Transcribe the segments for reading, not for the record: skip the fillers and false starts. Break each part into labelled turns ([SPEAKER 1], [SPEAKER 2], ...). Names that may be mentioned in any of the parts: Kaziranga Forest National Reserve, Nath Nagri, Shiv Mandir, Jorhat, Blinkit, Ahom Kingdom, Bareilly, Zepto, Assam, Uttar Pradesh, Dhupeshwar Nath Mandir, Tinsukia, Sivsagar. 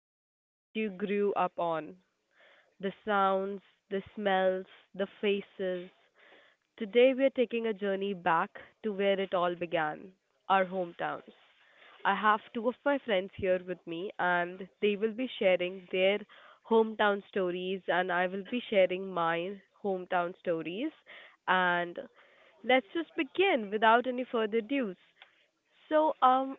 [SPEAKER 1] the streets you grew up on, the sounds, the smells, the faces. Today, we are taking a journey back to where it all began, our hometowns. I have two of my friends here with me, and they will be sharing their hometown stories, and I will be sharing my hometown stories. And let's just begin without any further ado. So, um,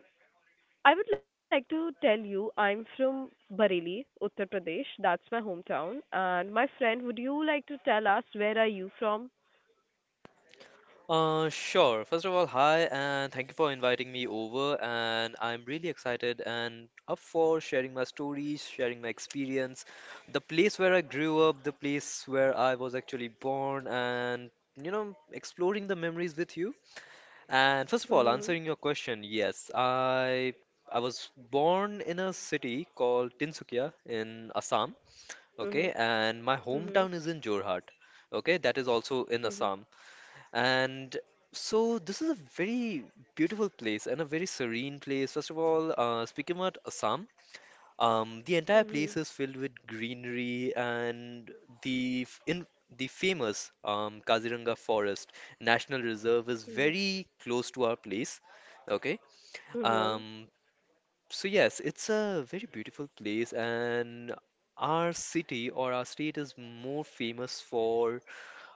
[SPEAKER 1] I would like to tell you I'm from Bareilly, Uttar Pradesh. That's my hometown. And my friend, would you like to tell us where are you from?
[SPEAKER 2] Sure. First of all, hi, and thank you for inviting me over. And I'm really excited and up for sharing my stories, sharing my experience, the place where I grew up, the place where I was actually born, and exploring the memories with you. And first of all,
[SPEAKER 1] Mhm.
[SPEAKER 2] answering your question, yes, I was born in a city called Tinsukia in Assam.
[SPEAKER 1] Mhm.
[SPEAKER 2] Okay, and my
[SPEAKER 1] Mhm.
[SPEAKER 2] hometown is in Jorhat. Okay, that is also in
[SPEAKER 1] Mhm.
[SPEAKER 2] Assam. And so this is a very beautiful place and a very serene place. First of all, speaking about Assam, the entire
[SPEAKER 1] Mhm.
[SPEAKER 2] place is filled with greenery and the f- in the famous Kaziranga Forest National Reserve is very close to our place. Okay,
[SPEAKER 1] Mhm.
[SPEAKER 2] um, so yes, it's a very beautiful place, and our city or our state is more famous for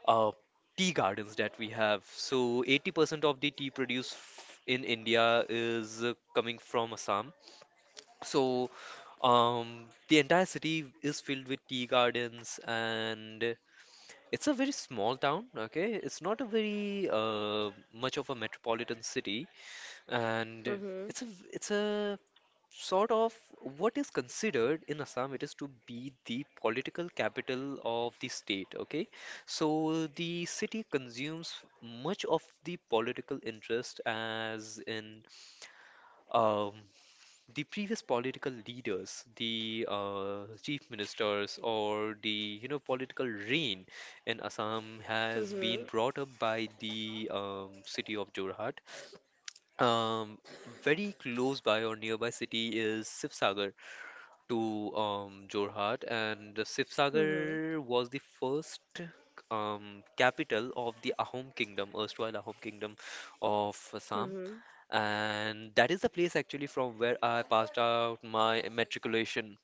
[SPEAKER 2] uh, tea gardens that we have. So 80% of the tea produced in India is coming from Assam. So the entire city is filled with tea gardens, and it's a very small town. Okay, it's not a very much of a metropolitan city, and
[SPEAKER 1] Mhm.
[SPEAKER 2] it's a it's a sort of what is considered in Assam, it is to be the political capital of the state. Okay, so the city consumes much of the political interest, as in um, the previous political leaders, the chief ministers, or the you know political reign in Assam has been
[SPEAKER 1] Mhm.
[SPEAKER 2] brought up by the city of Jorhat. Um, Very close by or nearby city is Sivsagar to Jorhat, and Sivsagar was the first capital of the Ahom Kingdom, erstwhile Ahom Kingdom of
[SPEAKER 1] Mhm.
[SPEAKER 2] Assam,
[SPEAKER 1] Mhm.
[SPEAKER 2] and that is the place actually from where I passed out my matriculation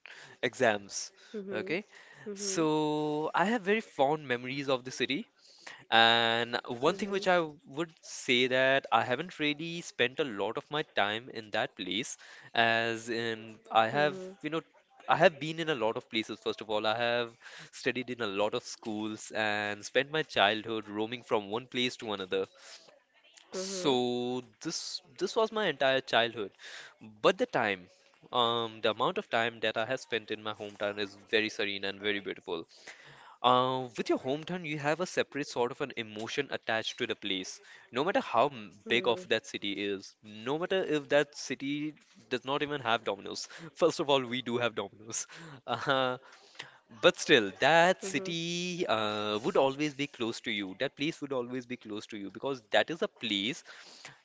[SPEAKER 2] exams.
[SPEAKER 1] Mhm.
[SPEAKER 2] Okay,
[SPEAKER 1] Mhm.
[SPEAKER 2] so I have very fond memories of the city and one thing
[SPEAKER 1] Mhm.
[SPEAKER 2] which I would say that I haven't really spent a lot of my time in that place, as in I have, you know, I have been in a lot of places. First of all, I have studied in a lot of schools and spent my childhood roaming from one place to another.
[SPEAKER 1] Mhm. Mhm.
[SPEAKER 2] So this was my entire childhood, but the time, the amount of time that I have spent in my hometown is very serene and very beautiful. With your hometown, you have a separate sort of an emotion attached to the place. No matter how big
[SPEAKER 1] Mhm.
[SPEAKER 2] of that city is, no matter if that city does not even have Domino's. First of all, we do have Domino's. Uh, but still, that
[SPEAKER 1] Mhm. Mhm.
[SPEAKER 2] city would always be close to you. That place would always be close to you because that is a place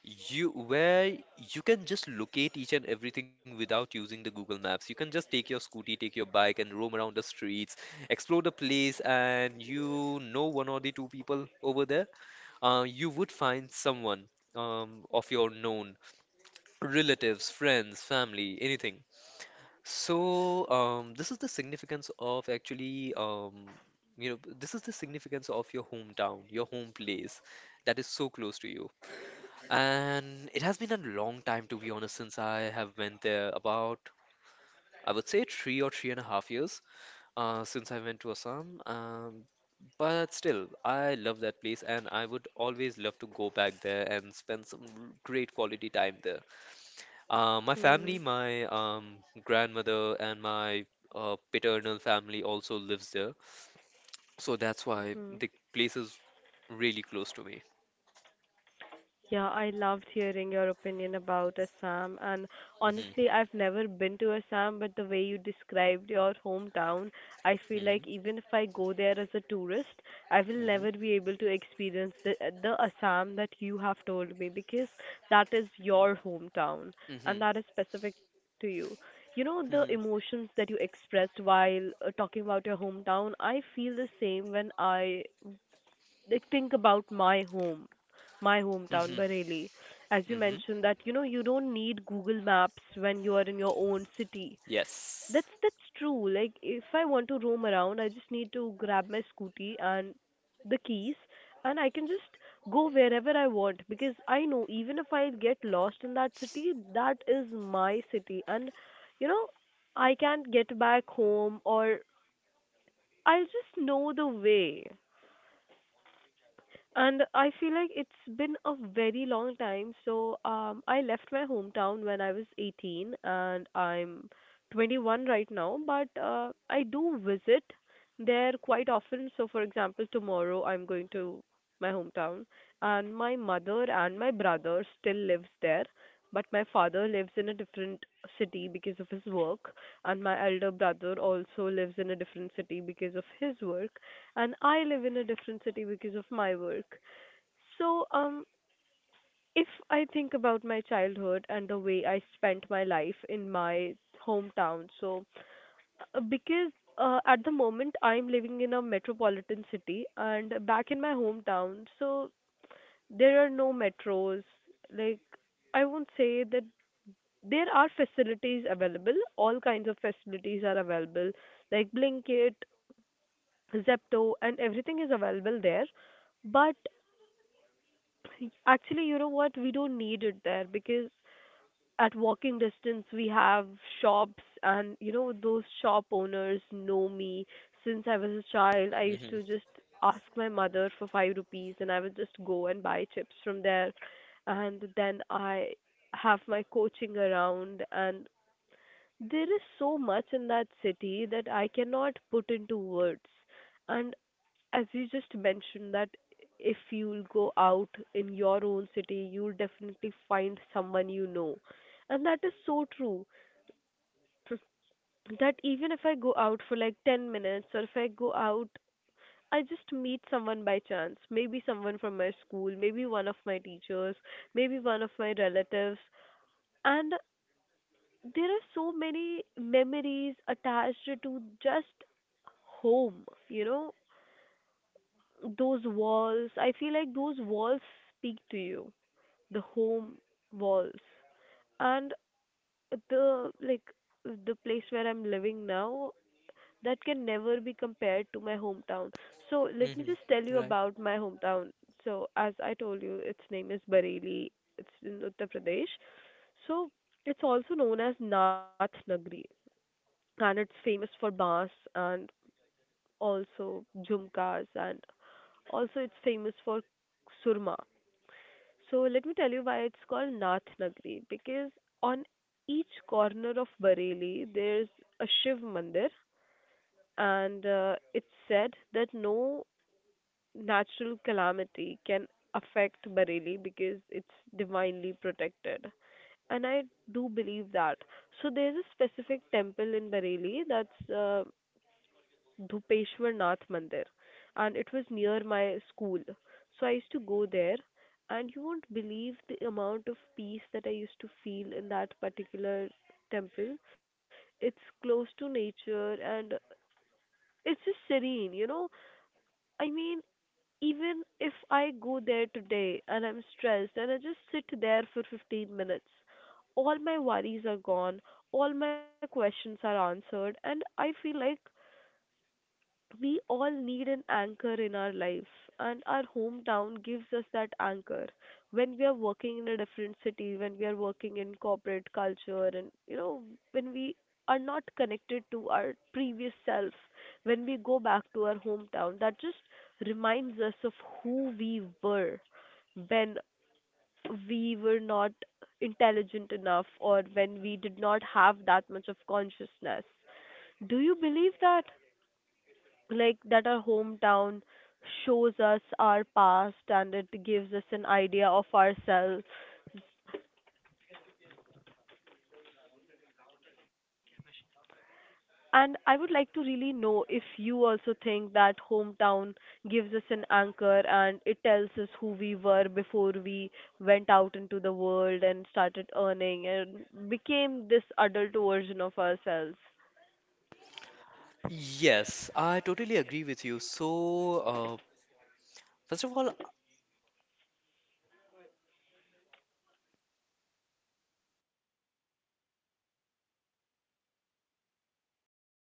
[SPEAKER 2] you where you can just locate each and everything without using the Google Maps. You can just take your scooty, take your bike, and roam around the streets, explore the place, and you know one or the two people over there. You would find someone of your known relatives, friends, family, anything. So this is the significance of actually you know this is the significance of your hometown, your home place that is so close to you. And it has been a long time, to be honest, since I have went there. About, I would say, three or three and a half years since I went to Assam. But still, I love that place, and I would always love to go back there and spend some great quality time there. My family,
[SPEAKER 1] Mhm.
[SPEAKER 2] my grandmother, and my paternal family also lives there, so that's why
[SPEAKER 1] Mhm.
[SPEAKER 2] the place is really close to me.
[SPEAKER 1] Yeah, I loved hearing your opinion about Assam. And
[SPEAKER 2] Hmm.
[SPEAKER 1] honestly, I've never been to Assam, but the way you described your hometown, I feel
[SPEAKER 2] Hmm.
[SPEAKER 1] like even if I go there as a tourist, I will
[SPEAKER 2] Hmm.
[SPEAKER 1] never be able to experience the Assam that you have told me, because that is your hometown and
[SPEAKER 2] Hmm.
[SPEAKER 1] that is specific to you. You know, the
[SPEAKER 2] Hmm.
[SPEAKER 1] emotions that you expressed while talking about your hometown, I feel the same when I like think about my home, my hometown,
[SPEAKER 2] Hmm.
[SPEAKER 1] Bareilly. As you
[SPEAKER 2] Hmm.
[SPEAKER 1] mentioned that, you know, you don't need Google Maps when you are in your own city.
[SPEAKER 2] Yes.
[SPEAKER 1] That's true. Like if I want to roam around, I just need to grab my scooty and the keys, and I can just go wherever I want, because I know even if I get lost in that city, that is my city and, you know, I can't get back home, or I'll just know the way. And I feel like it's been a very long time. I left my hometown when I was 18 and I'm 21 right now, but I do visit there quite often. So, for example, tomorrow I'm going to my hometown, and my mother and my brother still lives there, but my father lives in a different city because of his work, and my elder brother also lives in a different city because of his work, and I live in a different city because of my work. So, um, if I think about my childhood and the way I spent my life in my hometown, so because at the moment I'm living in a metropolitan city, and back in my hometown, so there are no metros. Like, I won't say that there are facilities available, all kinds of facilities are available, like Blinkit, Zepto, and everything is available there, but actually, you know what? We don't need it there because at walking distance we have shops, and you know, those shop owners know me. Since I was a child, I used
[SPEAKER 2] Hmm.
[SPEAKER 1] to just ask my mother for 5 rupees and I would just go and buy chips from there. And then I have my coaching around, and there is so much in that city that I cannot put into words. And as you just mentioned that if you'll go out in your own city, you'll definitely find someone you know. And that is so true. That even if I go out for like 10 minutes, or if I go out, I just meet someone by chance. Maybe someone from my school, maybe one of my teachers, maybe one of my relatives. And there are so many memories attached to just home, you know, those walls, I feel like those walls speak to you, the home walls, and the, like, the place where I'm living now, that can never be compared to my hometown. So let me
[SPEAKER 2] Hmm.
[SPEAKER 1] just tell you
[SPEAKER 2] Right.
[SPEAKER 1] about my hometown. So as I told you, its name is Bareilly, it's in Uttar Pradesh. So it's also known as Nath Nagri, and it's famous for bars, and also jhumkas, and also it's famous for surma. So let me tell you why it's called Nath Nagri. Because on each corner of Bareilly there's a Shiv Mandir, and it's said that no natural calamity can affect Bareilly because it's divinely protected. And I do believe that. So there's a specific temple in Bareilly, that's Dhupeshwar Nath Mandir, and it was near my school. So I used to go there, and you won't believe the amount of peace that I used to feel in that particular temple. It's close to nature, and it's just serene, you know. I mean, even if I go there today and I'm stressed and I just sit there for 15 minutes, all my worries are gone, all my questions are answered, and I feel like we all need an anchor in our life, and our hometown gives us that anchor. When we are working in a different city, when we are working in corporate culture, and you know, when we are not connected to our previous self, when we go back to our hometown, that just reminds us of who we were when we were not intelligent enough, or when we did not have that much of consciousness. Do you believe that, like, that our hometown shows us our past and it gives us an idea of ourselves? And I would like to really know if you also think that hometown gives us an anchor and it tells us who we were before we went out into the world and started earning and became this adult version of ourselves.
[SPEAKER 2] Yes, I totally agree with you. So, uh, first of all,